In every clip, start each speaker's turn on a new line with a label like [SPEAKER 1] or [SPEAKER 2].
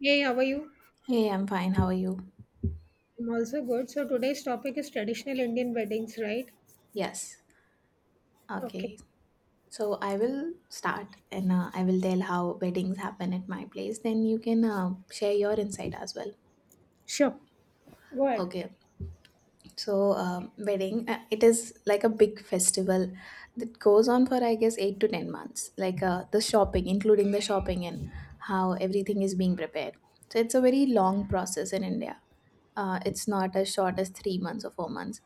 [SPEAKER 1] Hey, how are you?
[SPEAKER 2] Hey, I'm fine. How are you?
[SPEAKER 1] I'm also good. So today's topic is traditional Indian weddings, right?
[SPEAKER 2] Yes.
[SPEAKER 1] Okay.
[SPEAKER 2] Okay. So I will start and I will tell how weddings happen at my place. Then you can share your insight as well.
[SPEAKER 1] Sure. Go ahead.
[SPEAKER 2] Okay. So, wedding, it is like a big festival that goes on for I guess 8 to 10 months. Like the shopping, including the shopping and how everything is being prepared. So it's a very long process in India. It's not as short as 3 months or 4 months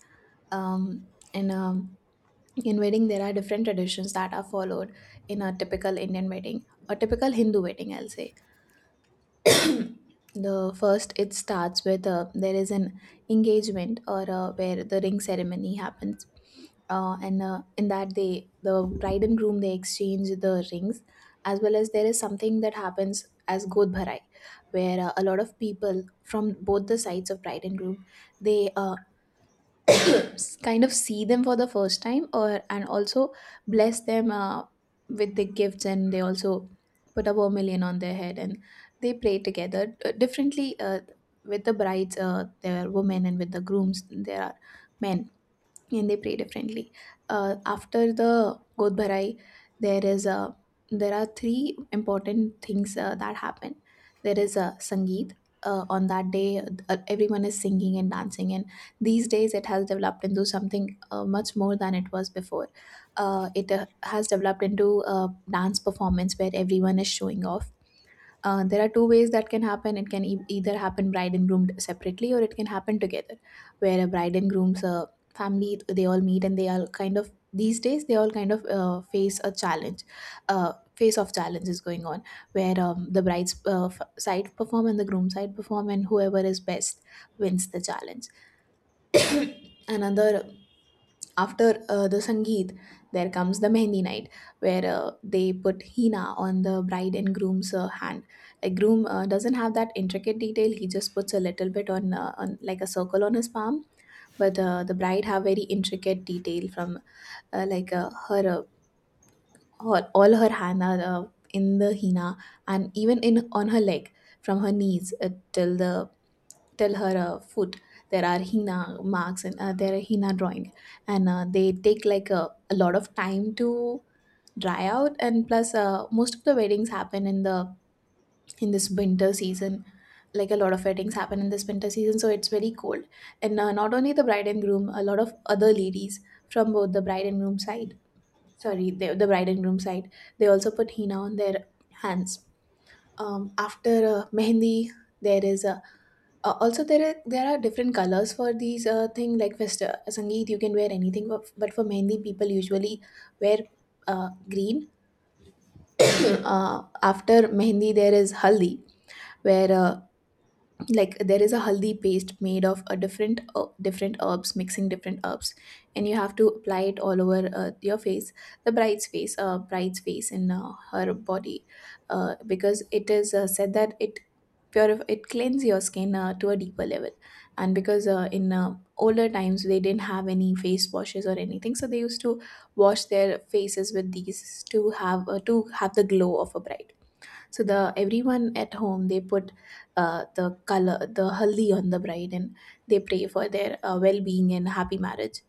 [SPEAKER 2] and in wedding, there are different traditions that are followed in a typical Indian wedding, a typical Hindu wedding, I'll say. The first, it starts with there is an engagement or where the ring ceremony happens, and in that the bride and groom they exchange the rings, as well as there is something that happens as Godh, where a lot of people from both the sides of bride and groom they uh, kind of see them for the first time, or and also bless them with the gifts, and they also put a vermilion on their head, and they pray together differently, with the brides there are women, and with the grooms there are men, and they pray differently. After the Godbarai, there is a there are three important things that happen. There is a Sangeet. On that day, everyone is singing and dancing, and these days it has developed into something much more than it was before. It has developed into a dance performance where everyone is showing off. There are two ways that can happen. It can either happen bride and groom separately, or it can happen together, where a bride and groom's family they all meet, and they all kind of, these days they all kind of face a challenge. Face of challenge is going on, where the bride's side perform and the groom's side perform, and whoever is best wins the challenge. Another, after the sangeet there comes the mehndi night, where they put hina on the bride and groom's hand. Like groom doesn't have that intricate detail, he just puts a little bit on like a circle on his palm, but the bride have very intricate detail from like her all her hand are in the hina, and even in on her leg from her knees till the tell her a foot. There are hina marks, and there are hina drawing, and they take like a lot of time to dry out. And plus most of the weddings happen in this winter season. Like a lot of weddings happen in this winter season, so it's very cold. And not only the bride and groom, a lot of other ladies from both the bride and groom side, sorry, the bride and groom side, they also put henna on their hands. After mehendi there is a also, there are different colors for these thing, like fest sangeet. You can wear anything, but for mehndi, people usually wear green. After mehndi, there is haldi, where there is a haldi paste made of a different different herbs, mixing different herbs, and you have to apply it all over your face, the bride's face, bride's face, and her body, because it is said that it purify it cleanse your skin to a deeper level. And because in older times they didn't have any face washes or anything, so they used to wash their faces with these to have the glow of a bride. So the everyone at home they put the haldi on the bride, and they pray for their well-being and happy marriage.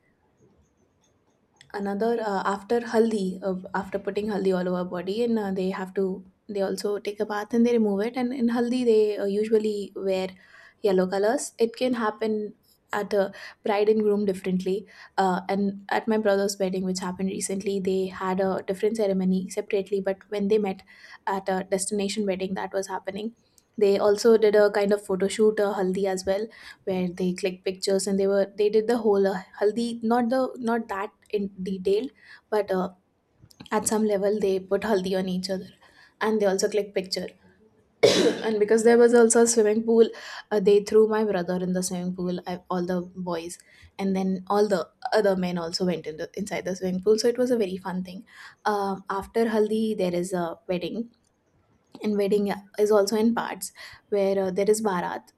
[SPEAKER 2] Another After haldi, after putting haldi all over body, and they have to they also take a bath and they remove it, and in haldi they usually wear yellow colors. It can happen at a bride and groom differently. And at my brother's wedding, which happened recently, they had a different ceremony separately, but when they met at a destination wedding that was happening, they also did a kind of photo shoot, a haldi as well, where they clicked pictures, and they did the whole haldi, not the not that in detailed, but at some level they put haldi on each other, and they also click picture. And because there was also a swimming pool, they threw my brother in the swimming pool, I, all the boys, and then all the other men also went inside the swimming pool, so it was a very fun thing. After haldi there is a wedding, and wedding is also in parts, where there is barat.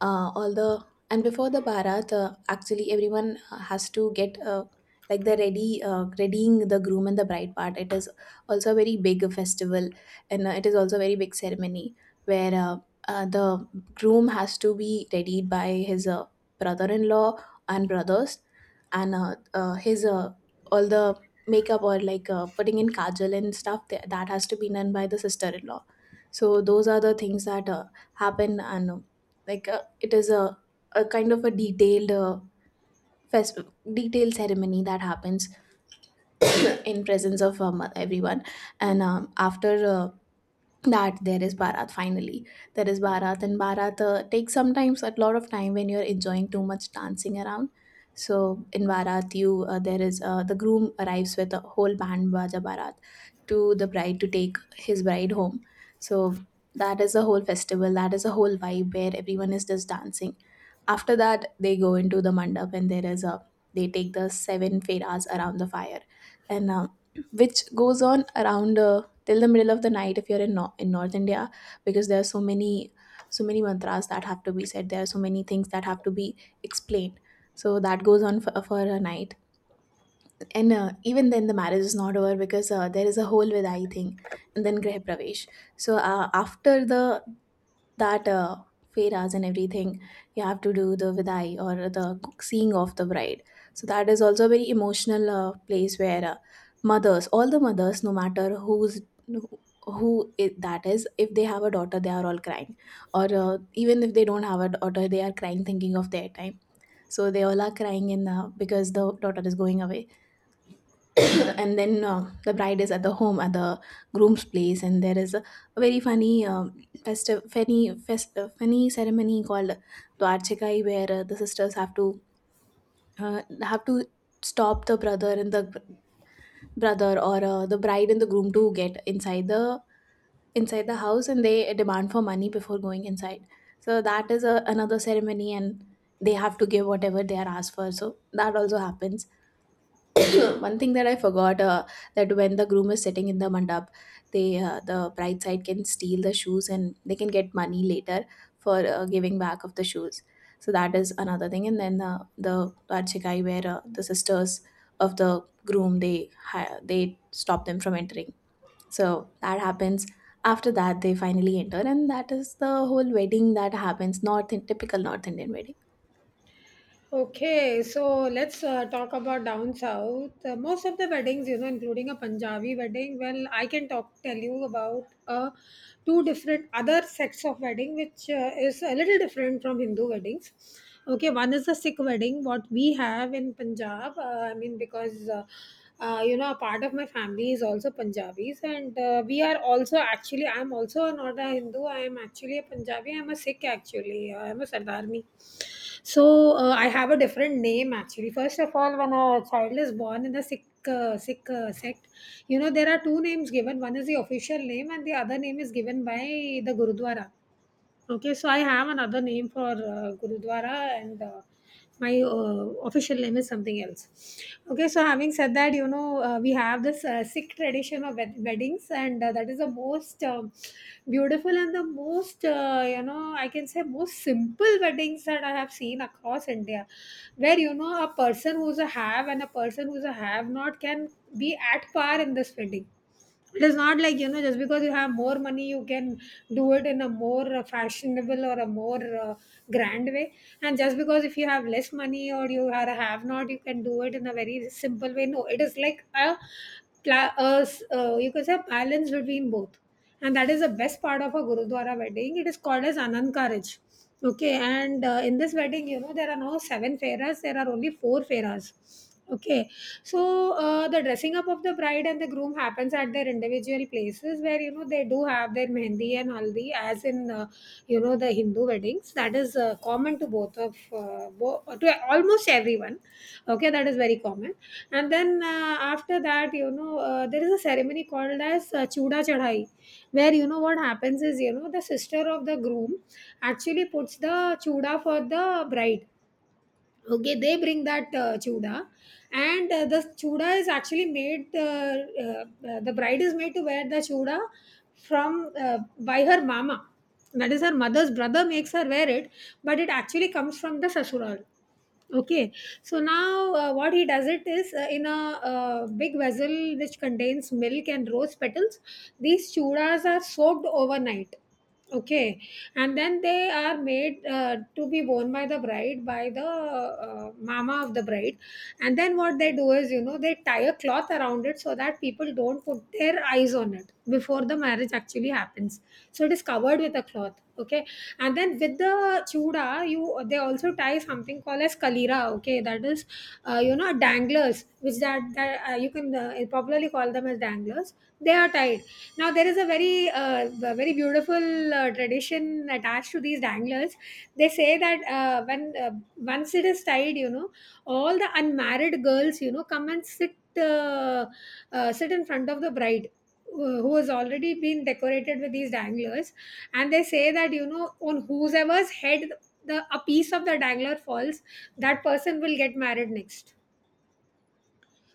[SPEAKER 2] All the And before the bharat, actually everyone has to get like the ready readying the groom and the bride part, it is also a very big festival, and it is also a very big ceremony, where the groom has to be readied by his brother-in-law and brothers, and his all the makeup, or like putting in kajal and stuff, that has to be done by the sister-in-law. So those are the things that happen, and it is a kind of a detailed fest- detailed ceremony that happens in presence of everyone. And after that there is barat finally, there is barat, and barat takes sometimes a lot of time when you're enjoying too much dancing around. So in barat you there is the groom arrives with a whole band baja barat to the bride to take his bride home. So that is a whole festival, that is a whole vibe where everyone is just dancing. After that, they go into the mandap, and there is a they take the seven feras around the fire, and which goes on around till the middle of the night if you're in no- in North India, because there are so many mantras that have to be said. There are so many things that have to be explained. So that goes on for, a night, and even then the marriage is not over, because there is a whole vidai thing, and then greh pravesh. So, after the that feras and everything, you have to do the vidai or the seeing of the bride. So that is also a very emotional place, where mothers, all the mothers, no matter who's who it, that is, if they have a daughter they are all crying, or even if they don't have a daughter they are crying thinking of their time. So they all are crying in because the daughter is going away. And then the bride is at the home, at the groom's place, and there is a very funny festive funny funny ceremony called dwarchikai, where the sisters uh, have to stop the brother and the brother, or the bride and the groom, to get inside the house, and they demand for money before going inside. So that is another ceremony, and they have to give whatever they are asked for, so that also happens. One thing that I forgot, that when the groom is sitting in the mandap, the bride side can steal the shoes, and they can get money later for giving back of the shoes. So that is another thing. And then the Varchikai, where the sisters of the groom they stop them from entering. So that happens. After that, they finally enter, and that is the whole wedding that happens. North in typical North Indian wedding.
[SPEAKER 1] Okay, so let's talk about down south. Most of the weddings, you know, including a Punjabi wedding. Well, I can talk tell you about two different other sects of wedding, which is a little different from Hindu weddings. Okay, one is the Sikh wedding, what we have in Punjab. I mean, because you know, a part of my family is also Punjabis, and we are also actually, I'm also not a Hindu, I am actually a Punjabi, I'm a Sikh actually, I'm a Sardarmi. So, I have a different name actually. First of all, when a child is born in the Sikh sect, you know, there are two names given, one is the official name, and the other name is given by the Gurudwara. Okay, so I have another name for Gurudwara, and my official name is something else. Okay, so having said that, you know, we have this Sikh tradition of weddings, and that is the most beautiful and the most, you know, I can say most simple weddings that I have seen across India, where, you know, a person who's a have and a person who's a have not can be at par in this wedding. It is not like, you know, just because you have more money you can do it in a more fashionable or a more grand way, and just because if you have less money or you are a have not you can do it in a very simple way. No, it is like a, you can say a balance between both, and that is the best part of a gurudwara wedding. It is called as anand karaj. Okay, and in this wedding, you know, there are now seven Farahs, there are only four Farahs. Okay, so the dressing up of the bride and the groom happens at their individual places where, you know, they do have their mehendi and haldi, as in, you know, the Hindu weddings. That is common to to almost everyone. Okay, that is very common. And then after that, you know, there is a ceremony called as Chuda Chadhai, where, you know, what happens is, you know, the sister of the groom actually puts the chuda for the bride. Okay, they bring that chuda, and the chuda is actually made. The bride is made to wear the chuda from by her mama. That is, her mother's brother makes her wear it, but it actually comes from the sasural. Okay, so now what he does it is in a big vessel which contains milk and rose petals, these chudas are soaked overnight. Okay, and then they are made to be worn by the bride by the mama of the bride, and then what they do is, you know, they tie a cloth around it so that people don't put their eyes on it before the marriage actually happens. So it is covered with a cloth. Okay, and then with the chuda you they also tie something called as kalira. Okay, that is you know, danglers, which that you can popularly call them as danglers. They are tied. Now there is a very beautiful tradition attached to these danglers. They say that when once it is tied, you know, all the unmarried girls, you know, come and sit in front of the bride who has already been decorated with these danglers, and they say that, you know, on whoever's head the a piece of the dangler falls, that person will get married next.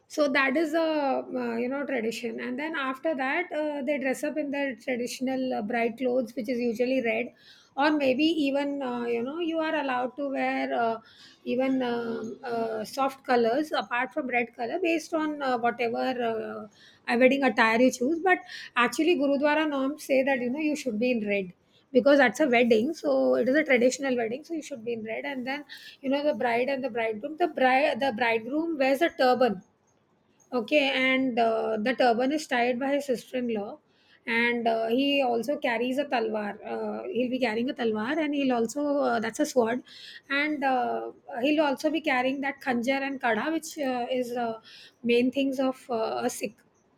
[SPEAKER 1] So that is a, you know, tradition. And then after that they dress up in their traditional bright clothes, which is usually red, or maybe even, you know, you are allowed to wear even soft colors apart from red color, based on whatever wedding attire you choose. But actually gurudwara norms say that, you know, you should be in red because that's a wedding. So it is a traditional wedding, so you should be in red. And then, you know, the bridegroom wears a turban. Okay, and the turban is tied by his sister-in-law, and he also carries a talwar. He'll be carrying a talwar, and he'll also that's a sword, and he'll also be carrying that khanjar and kada, which is main things of a Sikh.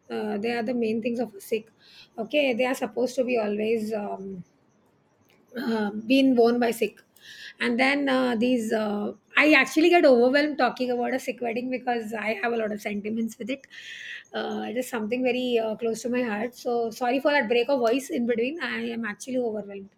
[SPEAKER 1] They are the main things of a Sikh. Okay, they are supposed to be always. Been worn by sick and then these I actually get overwhelmed talking about a sick wedding because I have a lot of sentiments with it. It is something very close to my heart, so sorry for that break of voice in between. I am actually overwhelmed.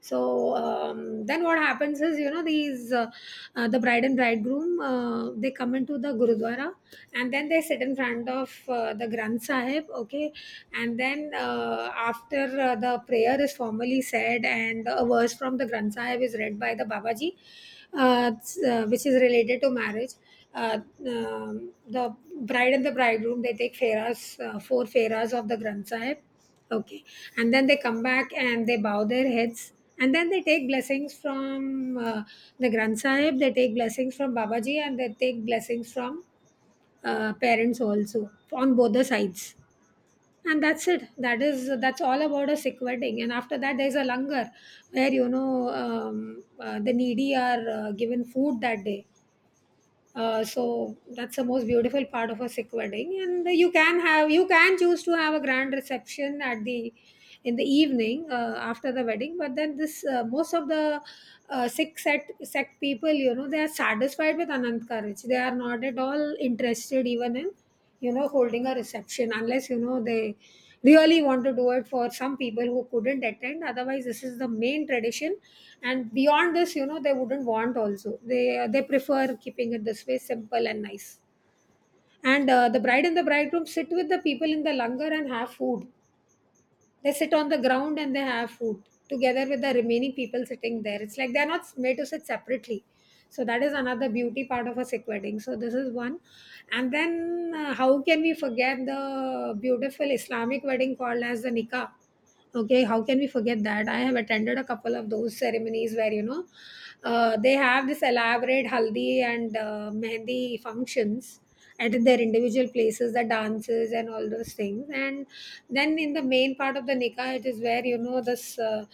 [SPEAKER 1] So then what happens is, you know, the bride and bridegroom they come into the gurudwara and then they sit in front of the Granth Sahib. Okay, and then after the prayer is formally said and a verse from the Granth Sahib is read by the babaji, which is related to marriage. uh, the bride and the bridegroom, they take feras, four feras of the Granth Sahib. Okay. And then they come back and they bow their heads. And then they take blessings from the Granth Sahib, they take blessings from Babaji, and they take blessings from parents also on both the sides. And that's it. That's all about a Sikh wedding. And after that, there's a langar where, you know, the needy are given food that day. So that's the most beautiful part of a Sikh wedding, and you can choose to have a grand reception at the in the evening after the wedding. But then this most of the Sikh sect people, you know, they are satisfied with Anand Karaj. They are not at all interested even in, you know, holding a reception unless, you know, they really want to do it for some people who couldn't attend. Otherwise, this is the main tradition. And beyond this, you know, they wouldn't want also. They prefer keeping it this way, simple and nice. And the bride and the bridegroom sit with the people in the langar and have food. They sit on the ground and they have food together with the remaining people sitting there. It's like they're not made to sit separately. So that is another beauty part of a sick wedding. So this is one. And then how can we forget the beautiful Islamic wedding called as the nikah? Okay, how can we forget that. I have attended a couple of those ceremonies where, you know, they have this elaborate haldi and mehndi functions at their individual places, the dances and all those things. And then in the main part of the nikah, it is where, you know, this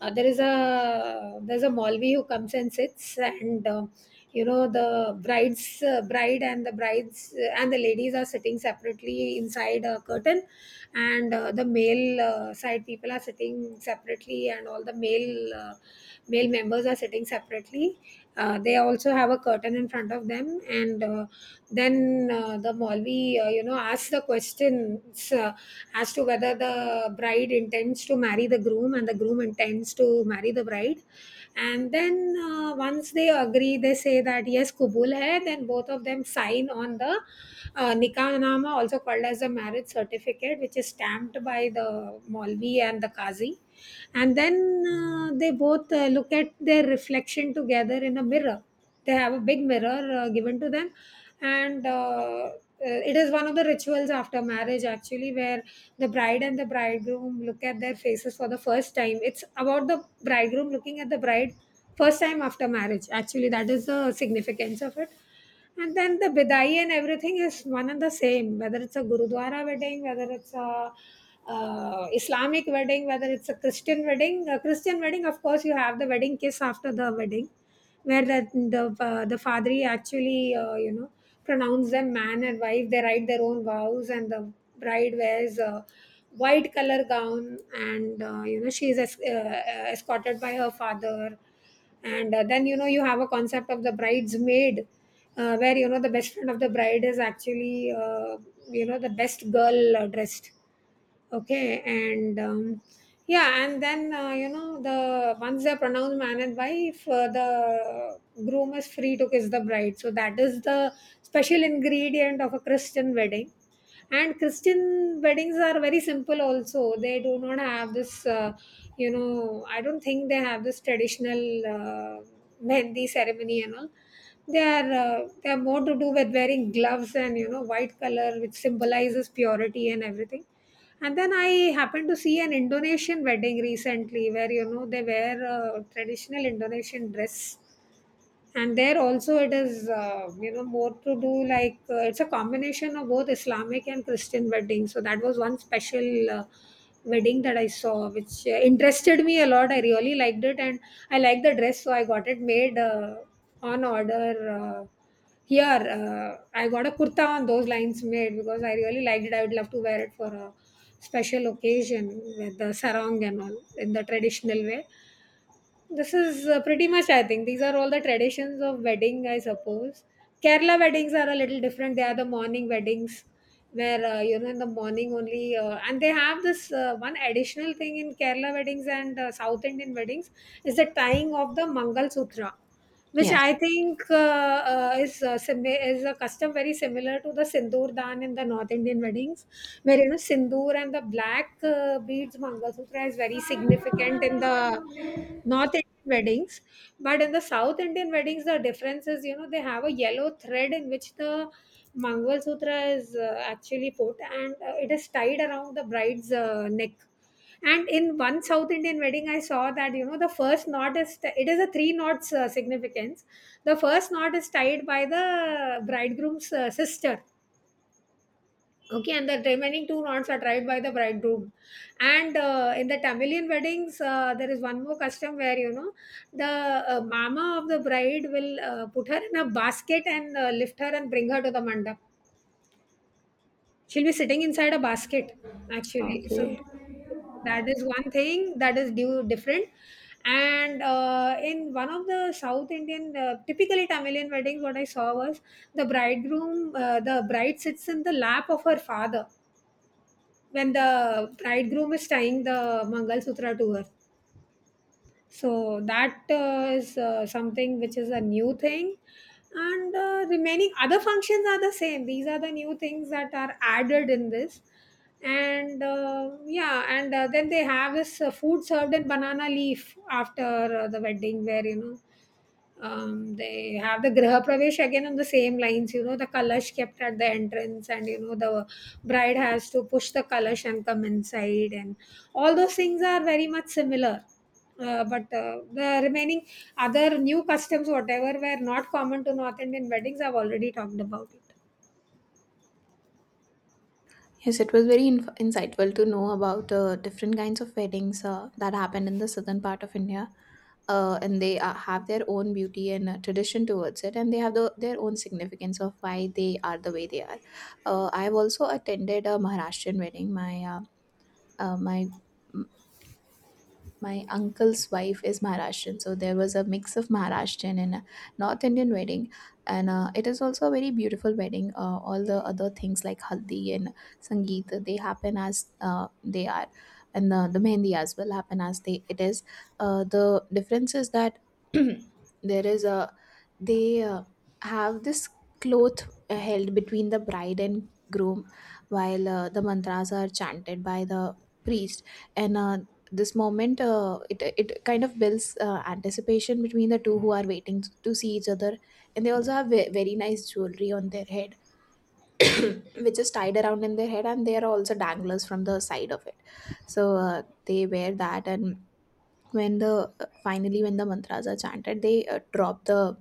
[SPEAKER 1] there is a there's a Malvi who comes and sits, and you know, the bride's bride and the brides and the ladies are sitting separately inside a curtain, and the male side people are sitting separately, and all the male members are sitting separately. They also have a curtain in front of them, and then the Malvi, you know, asks the questions. As to whether the bride intends to marry the groom and the groom intends to marry the bride. And then once they agree, they say that yes kubul hai. Then both of them sign on the nikah nama, also called as the marriage certificate, which is stamped by the molvi and the qazi. And then they both look at their reflection together in a mirror. They have a big mirror given to them, and it is one of the rituals after marriage actually, where the bride and the bridegroom look at their faces for the first time. It's about the bridegroom looking at the bride first time after marriage. Actually, that is the significance of it. And then the bidai and everything is one and the same, whether it's a Gurudwara wedding, whether it's a Islamic wedding, whether it's a Christian wedding. A Christian wedding, of course, you have the wedding kiss after the wedding where the father actually pronounce them man and wife. They write their own vows, and the bride wears a white color gown, and she is escorted by her father. And then you have a concept of the bridesmaid, where the best friend of the bride is actually the best girl, dressed. Okay, and yeah. And then the once they're pronounced man and wife, the groom is free to kiss the bride. So that is the special ingredient of a Christian wedding. And Christian weddings are very simple also. They do not have this, I don't think they have this traditional uh, mehndi ceremony and all. They are they are more to do with wearing gloves and, white color, which symbolizes purity and everything. And then I happened to see an Indonesian wedding recently where, they wear a traditional Indonesian dress. And there also it is, more to do like, it's a combination of both Islamic and Christian weddings. So that was one special wedding that I saw, which interested me a lot. I really liked it, and I liked the dress, so I got it made, on order, uh, here. I got a kurta on those lines made because I really liked it. I would love to wear it for a special occasion with the sarong and all in the traditional way. This is pretty much, I think, these are all the traditions of wedding, I suppose. Kerala weddings are a little different. They are the morning weddings where, in the morning only. And they have this one additional thing in Kerala weddings and South Indian weddings, is the tying of the Mangal Sutra, which I
[SPEAKER 2] Yes.
[SPEAKER 1] think is is a custom very similar to the sindoor dan in the North Indian weddings, where sindoor and the black, beads mangalsutra is very significant in the North Indian weddings. But in the South Indian weddings, the difference is, they have a yellow thread in which the mangalsutra is actually put, and it is tied around the bride's neck. And in one South Indian wedding, I saw that, the first knot is it is a three knots significance. The first knot is tied by the bridegroom's sister. Okay, and the remaining two knots are tied by the bridegroom. And in the Tamilian weddings, there is one more custom where the mama of the bride will put her in a basket and lift her and bring her to the mandap. She'll be sitting inside a basket, actually. So
[SPEAKER 2] Okay.
[SPEAKER 1] that is one thing that is due different. And in one of the South Indian, typically Tamilian weddings, what I saw was the the bride sits in the lap of her father when the bridegroom is tying the Mangal Sutra to her. So that is something which is a new thing. And remaining other functions are the same. These are the new things that are added in this. And then they have this food served in banana leaf after the wedding where they have the Graha Pravesh again on the same lines, the Kalash kept at the entrance, and, the bride has to push the Kalash and come inside, and all those things are very much similar. But the remaining other new customs, whatever were not common to North Indian weddings, I've already talked about it.
[SPEAKER 2] Yes, it was very insightful to know about different kinds of weddings that happened in the southern part of India. And they have their own beauty and tradition towards it, and they have their own significance of why they are the way they are. I've also attended a Maharashtrian wedding. Uh, my my uncle's wife is Maharashtrian, so there was a mix of Maharashtrian and a North Indian wedding, and it is also a very beautiful wedding. All the other things like haldi and sangeet, they happen as they are, and the mehendi as well, happen as they it is. The difference is that there is a they have this cloth held between the bride and groom, while the mantras are chanted by the priest. And this moment, it kind of builds anticipation between the two who are waiting to see each other. And they also have very nice jewelry on their head, which is tied around in their head, and there are also danglers from the side of it. So they wear that. And when the finally, when the mantras are chanted, they drop the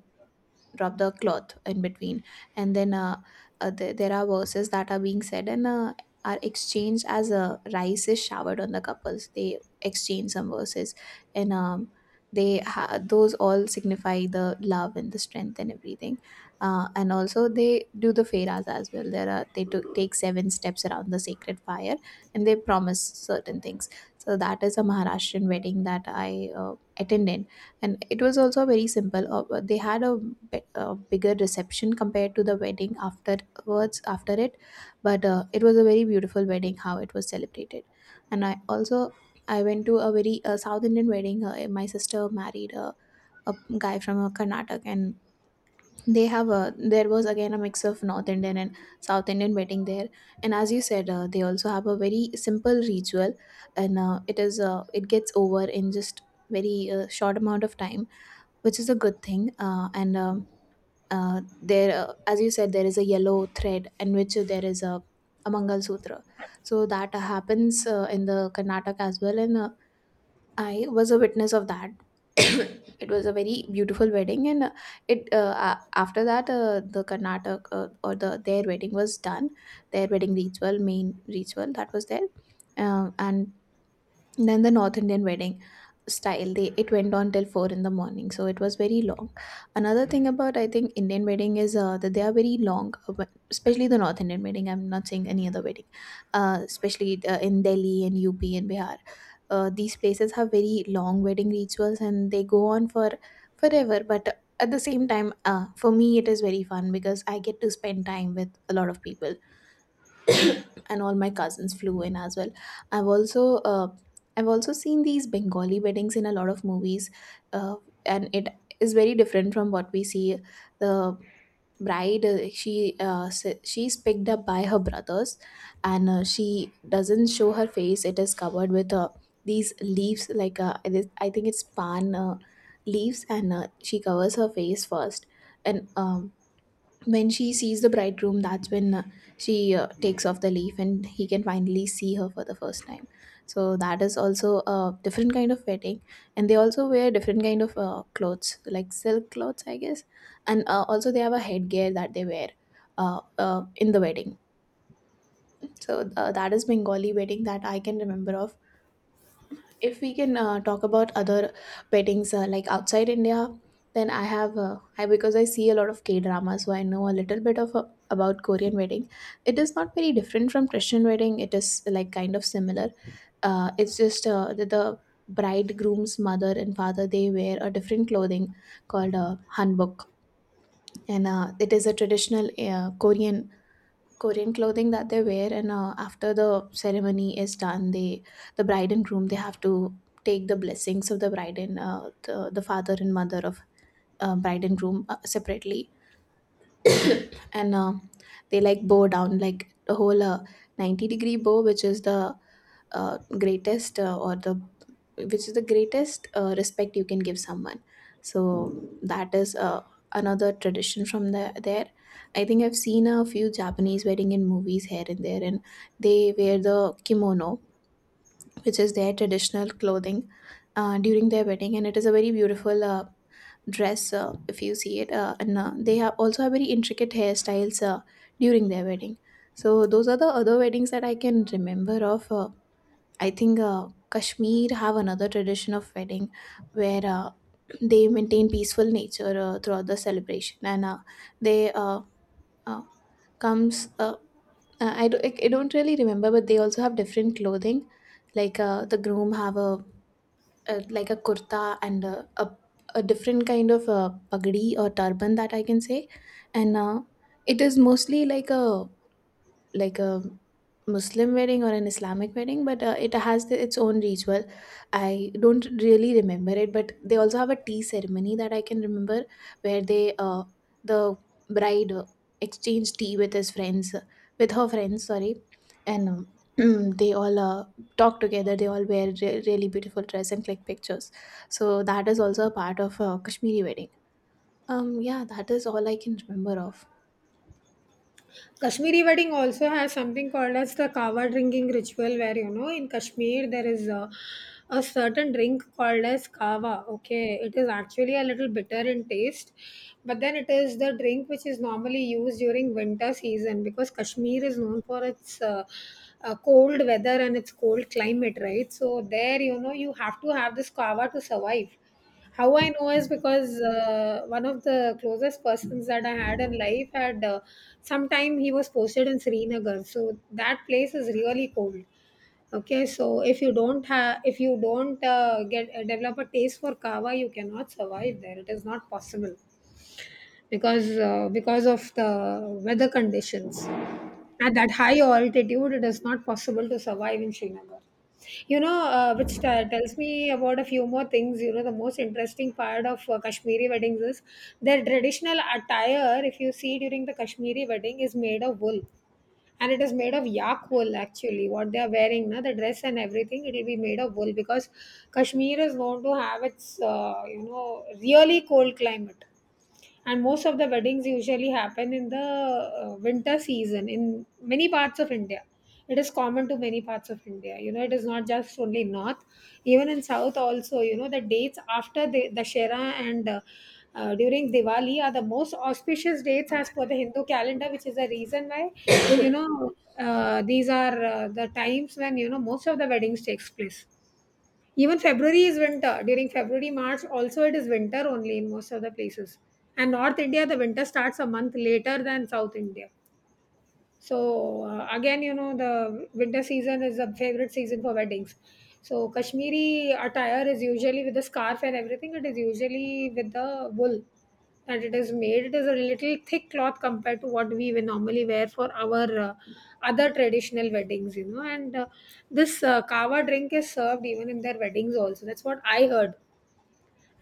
[SPEAKER 2] drop the cloth in between. And then there are verses that are being said and are exchanged. As rice is showered on the couples, they exchange some verses, and those all signify the love and the strength and everything. And also, they do the feras as well. There are They took take seven steps around the sacred fire, and they promise certain things. So that is a Maharashtrian wedding that I attended, and it was also very simple. They had a bigger reception compared to the wedding afterwards, after it. But it was a very beautiful wedding, how it was celebrated. And I went to a very South Indian wedding. My sister married a guy from Karnataka, and they have a there was again a mix of North Indian and South Indian wedding there. And as you said, they also have a very simple ritual. And it gets over in just very short amount of time, which is a good thing. And There, as you said, there is a yellow thread in which there is a Mangal Sutra. So that happens in the Karnataka as well, and I was a witness of that. It was a very beautiful wedding, and after that, the Karnataka, or their wedding was done, their wedding ritual, main ritual that was there. And then the North Indian wedding style, they it went on till 4 in the morning, so it was very long. Another thing about, I think, Indian wedding is that they are very long. Especially the North Indian wedding, I'm not saying any other wedding. Especially in Delhi and UP and Bihar, these places have very long wedding rituals, and they go on for forever. But at the same time, for me it is very fun, because I get to spend time with a lot of people, and all my cousins flew in as well. I've also uh, I've also seen these Bengali weddings in a lot of movies, uh, and it is very different from what we see. The bride she s- she's picked up by her brothers, and she doesn't show her face. It is covered with these leaves, like, I think it's pan leaves, and she covers her face first. And when she sees the bridegroom, that's when she takes off the leaf, and he can finally see her for the first time. So that is also a different kind of wedding. And they also wear different kind of clothes, like silk clothes, I guess. And also, they have a headgear that they wear in the wedding. So that is Bengali wedding that I can remember of. If we can talk about other weddings, like outside India, then I have I because I see a lot of K drama, so I know a little bit of, about Korean wedding. It is not very different from Christian wedding, it is like kind of similar. It's just the bridegroom's mother and father, they wear a different clothing called a hanbok. And it is a traditional Korean clothing that they wear. And after the ceremony is done, the bride and groom, they have to take the blessings of the bride, and the father and mother of, bride and groom, separately. And they like bow down, like the whole 90 degree bow, which is the greatest or the which is the greatest respect you can give someone. So that is another tradition from there. I think I've seen a few Japanese wedding in movies here and there, and they wear the kimono, which is their traditional clothing, during their wedding. And it is a very beautiful dress, if you see it. And they have also have very intricate hairstyles during their wedding. So those are the other weddings that I can remember of. I think Kashmir have another tradition of wedding, where they maintain peaceful nature throughout the celebration, and they uh, comes. Uh, I, do, I don't really remember, but they also have different clothing. Like, the groom have a, like, a kurta, and a different kind of pagdi or turban, that I can say. And it is mostly like a Muslim wedding or an Islamic wedding, but it has its own ritual. I don't really remember it, but they also have a tea ceremony that I can remember, where the bride exchanged tea with his friends, with her friends, sorry. And they all talk together. They all wear really beautiful dress and click pictures. So that is also a part of Kashmiri wedding. Yeah, that is all I can remember of.
[SPEAKER 1] Kashmiri wedding also has something called as the kava drinking ritual, where, in Kashmir there is a certain drink called as kava. Okay, it is actually a little bitter in taste, but then it is the drink which is normally used during winter season, because Kashmir is known for its cold weather and its cold climate, right? So there, you have to have this kava to survive. How I know is because one of the closest persons that I had in life had, sometime he was posted in Srinagar. So that place is really cold. Okay, so if you don't have, if you don't get, develop a taste for kava, you cannot survive there. It is not possible, because of the weather conditions. At that high altitude, it is not possible to survive in Srinagar. You know, tells me about a few more things. You know, the most interesting part of Kashmiri weddings is their traditional attire. If you see during the Kashmiri wedding, is made of wool, and it is made of yak wool actually. What they are wearing na, the dress and everything, it will be made of wool, because Kashmir is known to have its, really cold climate. And most of the weddings usually happen in the winter season. In many parts of India, it is common. To many parts of India, it is not just only North, even in South also. You know, the dates after the Dashera and during Diwali are the most auspicious dates as per the Hindu calendar, which is the reason why, you know these are the times when, most of the weddings takes place. Even February is winter. During February, March, also it is winter only in most of the places. And North India, the winter starts a month later than South India. So again, the winter season is a favorite season for weddings. So Kashmiri attire is usually with the scarf and everything. It is usually with the wool that it is made. It is a little thick cloth compared to what we will normally wear for our other traditional weddings, you know. And this kava drink is served even in their weddings also. That's what I heard.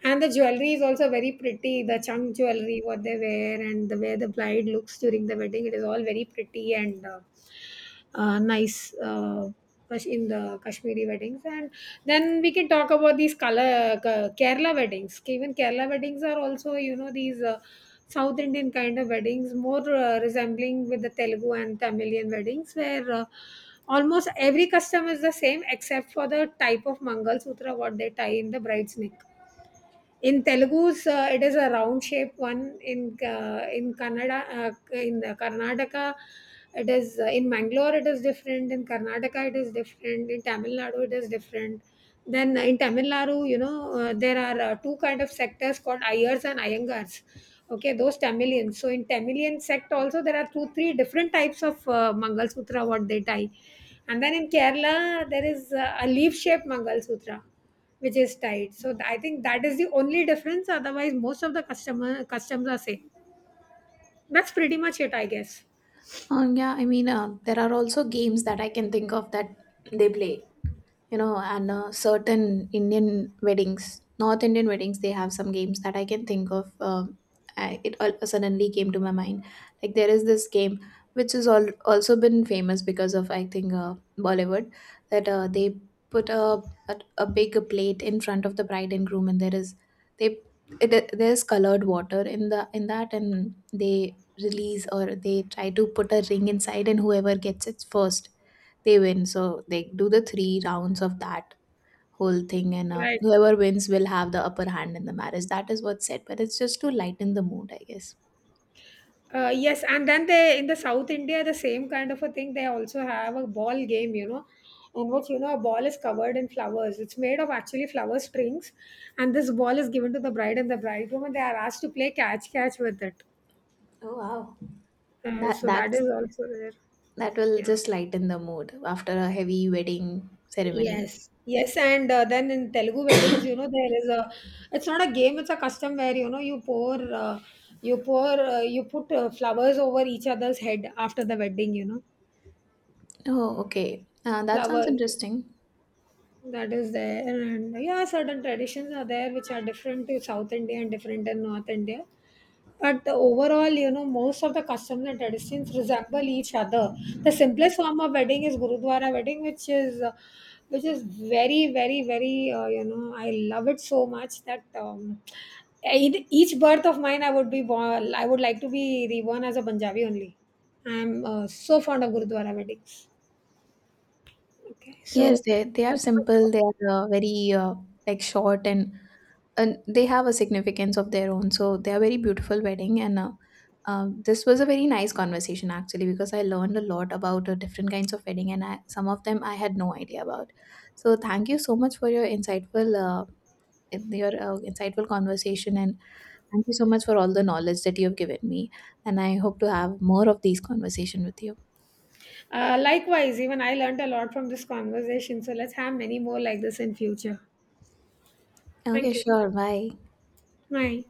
[SPEAKER 1] And the jewelry is also very pretty. The chunk jewelry, what they wear, and the way the bride looks during the wedding, it is all very pretty and nice, in the Kashmiri weddings. And then we can talk about these color Kerala weddings. Even Kerala weddings are also, these South Indian kind of weddings, more resembling with the Telugu and Tamilian weddings, where almost every custom is the same, except for the type of Mangal Sutra what they tie in the bride's neck. In Telugu's, it is a round shape one. In Kannada, in Karnataka, it is in Mangalore. It is different. In Karnataka, it is different. In Tamil Nadu, it is different. Then in Tamil Nadu, there are two kind of sectors called Ayers and Ayangars. Okay, those Tamilians. So in Tamilian sect also, there are two, three different types of Mangal Sutra what they tie. And then in Kerala, there is a leaf shaped Mangal Sutra which is tight. So I think that is the only difference. Otherwise, most of the customer customs are same. That's pretty much it, I guess.
[SPEAKER 2] Yeah, I mean, there are also games that I can think of that they play, and certain Indian weddings, North Indian weddings, they have some games that I can think of. It all suddenly came to my mind. Like, there is this game which has also been famous because of, I think, Bollywood, that they put a big plate in front of the bride and groom. And they there's colored water in the in that, and they release, or they try to put a ring inside, and whoever gets it first, they win. So they do the three rounds of that whole thing, and
[SPEAKER 1] Right.
[SPEAKER 2] whoever wins will have the upper hand in the marriage. That is what's said, but it's just to lighten the mood, I guess.
[SPEAKER 1] Yes, and then they in the South India the same kind of a thing. They also have a ball game, in which a ball is covered in flowers. It's made of actually flower strings, and this ball is given to the bride and the bridegroom, and they are asked to play catch catch with it.
[SPEAKER 2] Oh, wow. That
[SPEAKER 1] So that
[SPEAKER 2] that's
[SPEAKER 1] is also there.
[SPEAKER 2] that will
[SPEAKER 1] Yeah.
[SPEAKER 2] just lighten the mood after a heavy wedding ceremony.
[SPEAKER 1] Yes. Yes, and then in Telugu weddings, there is a, it's not a game, it's a custom where, you pour, you pour, you put flowers over each other's head after the wedding,
[SPEAKER 2] Oh, okay. That sounds
[SPEAKER 1] flowers.
[SPEAKER 2] interesting.
[SPEAKER 1] That is there. And yeah, certain traditions are there which are different to South India and different in North India. But the overall, most of the customs and traditions resemble each other. The simplest form of wedding is Gurudwara wedding, which is very, very, very, I love it so much that, in each birth of mine, I would be born, I would like to be reborn as a Punjabi only. I'm so fond of Gurudwara weddings. Okay, so
[SPEAKER 2] Yes, they are
[SPEAKER 1] pretty much. About.
[SPEAKER 2] simple. They are very, like, short. And they have a significance of their own, so they are very beautiful wedding. And this was a very nice conversation, actually, because I learned a lot about different kinds of wedding, and some of them I had no idea about. So thank you so much for your insightful conversation, and thank you so much for all the knowledge that you have given me. And I hope to have more of these conversation with you.
[SPEAKER 1] Likewise, even I learned a lot from this conversation. So let's have many more like this in future.
[SPEAKER 2] Okay,
[SPEAKER 1] Thank you.
[SPEAKER 2] sure, bye.
[SPEAKER 1] Bye.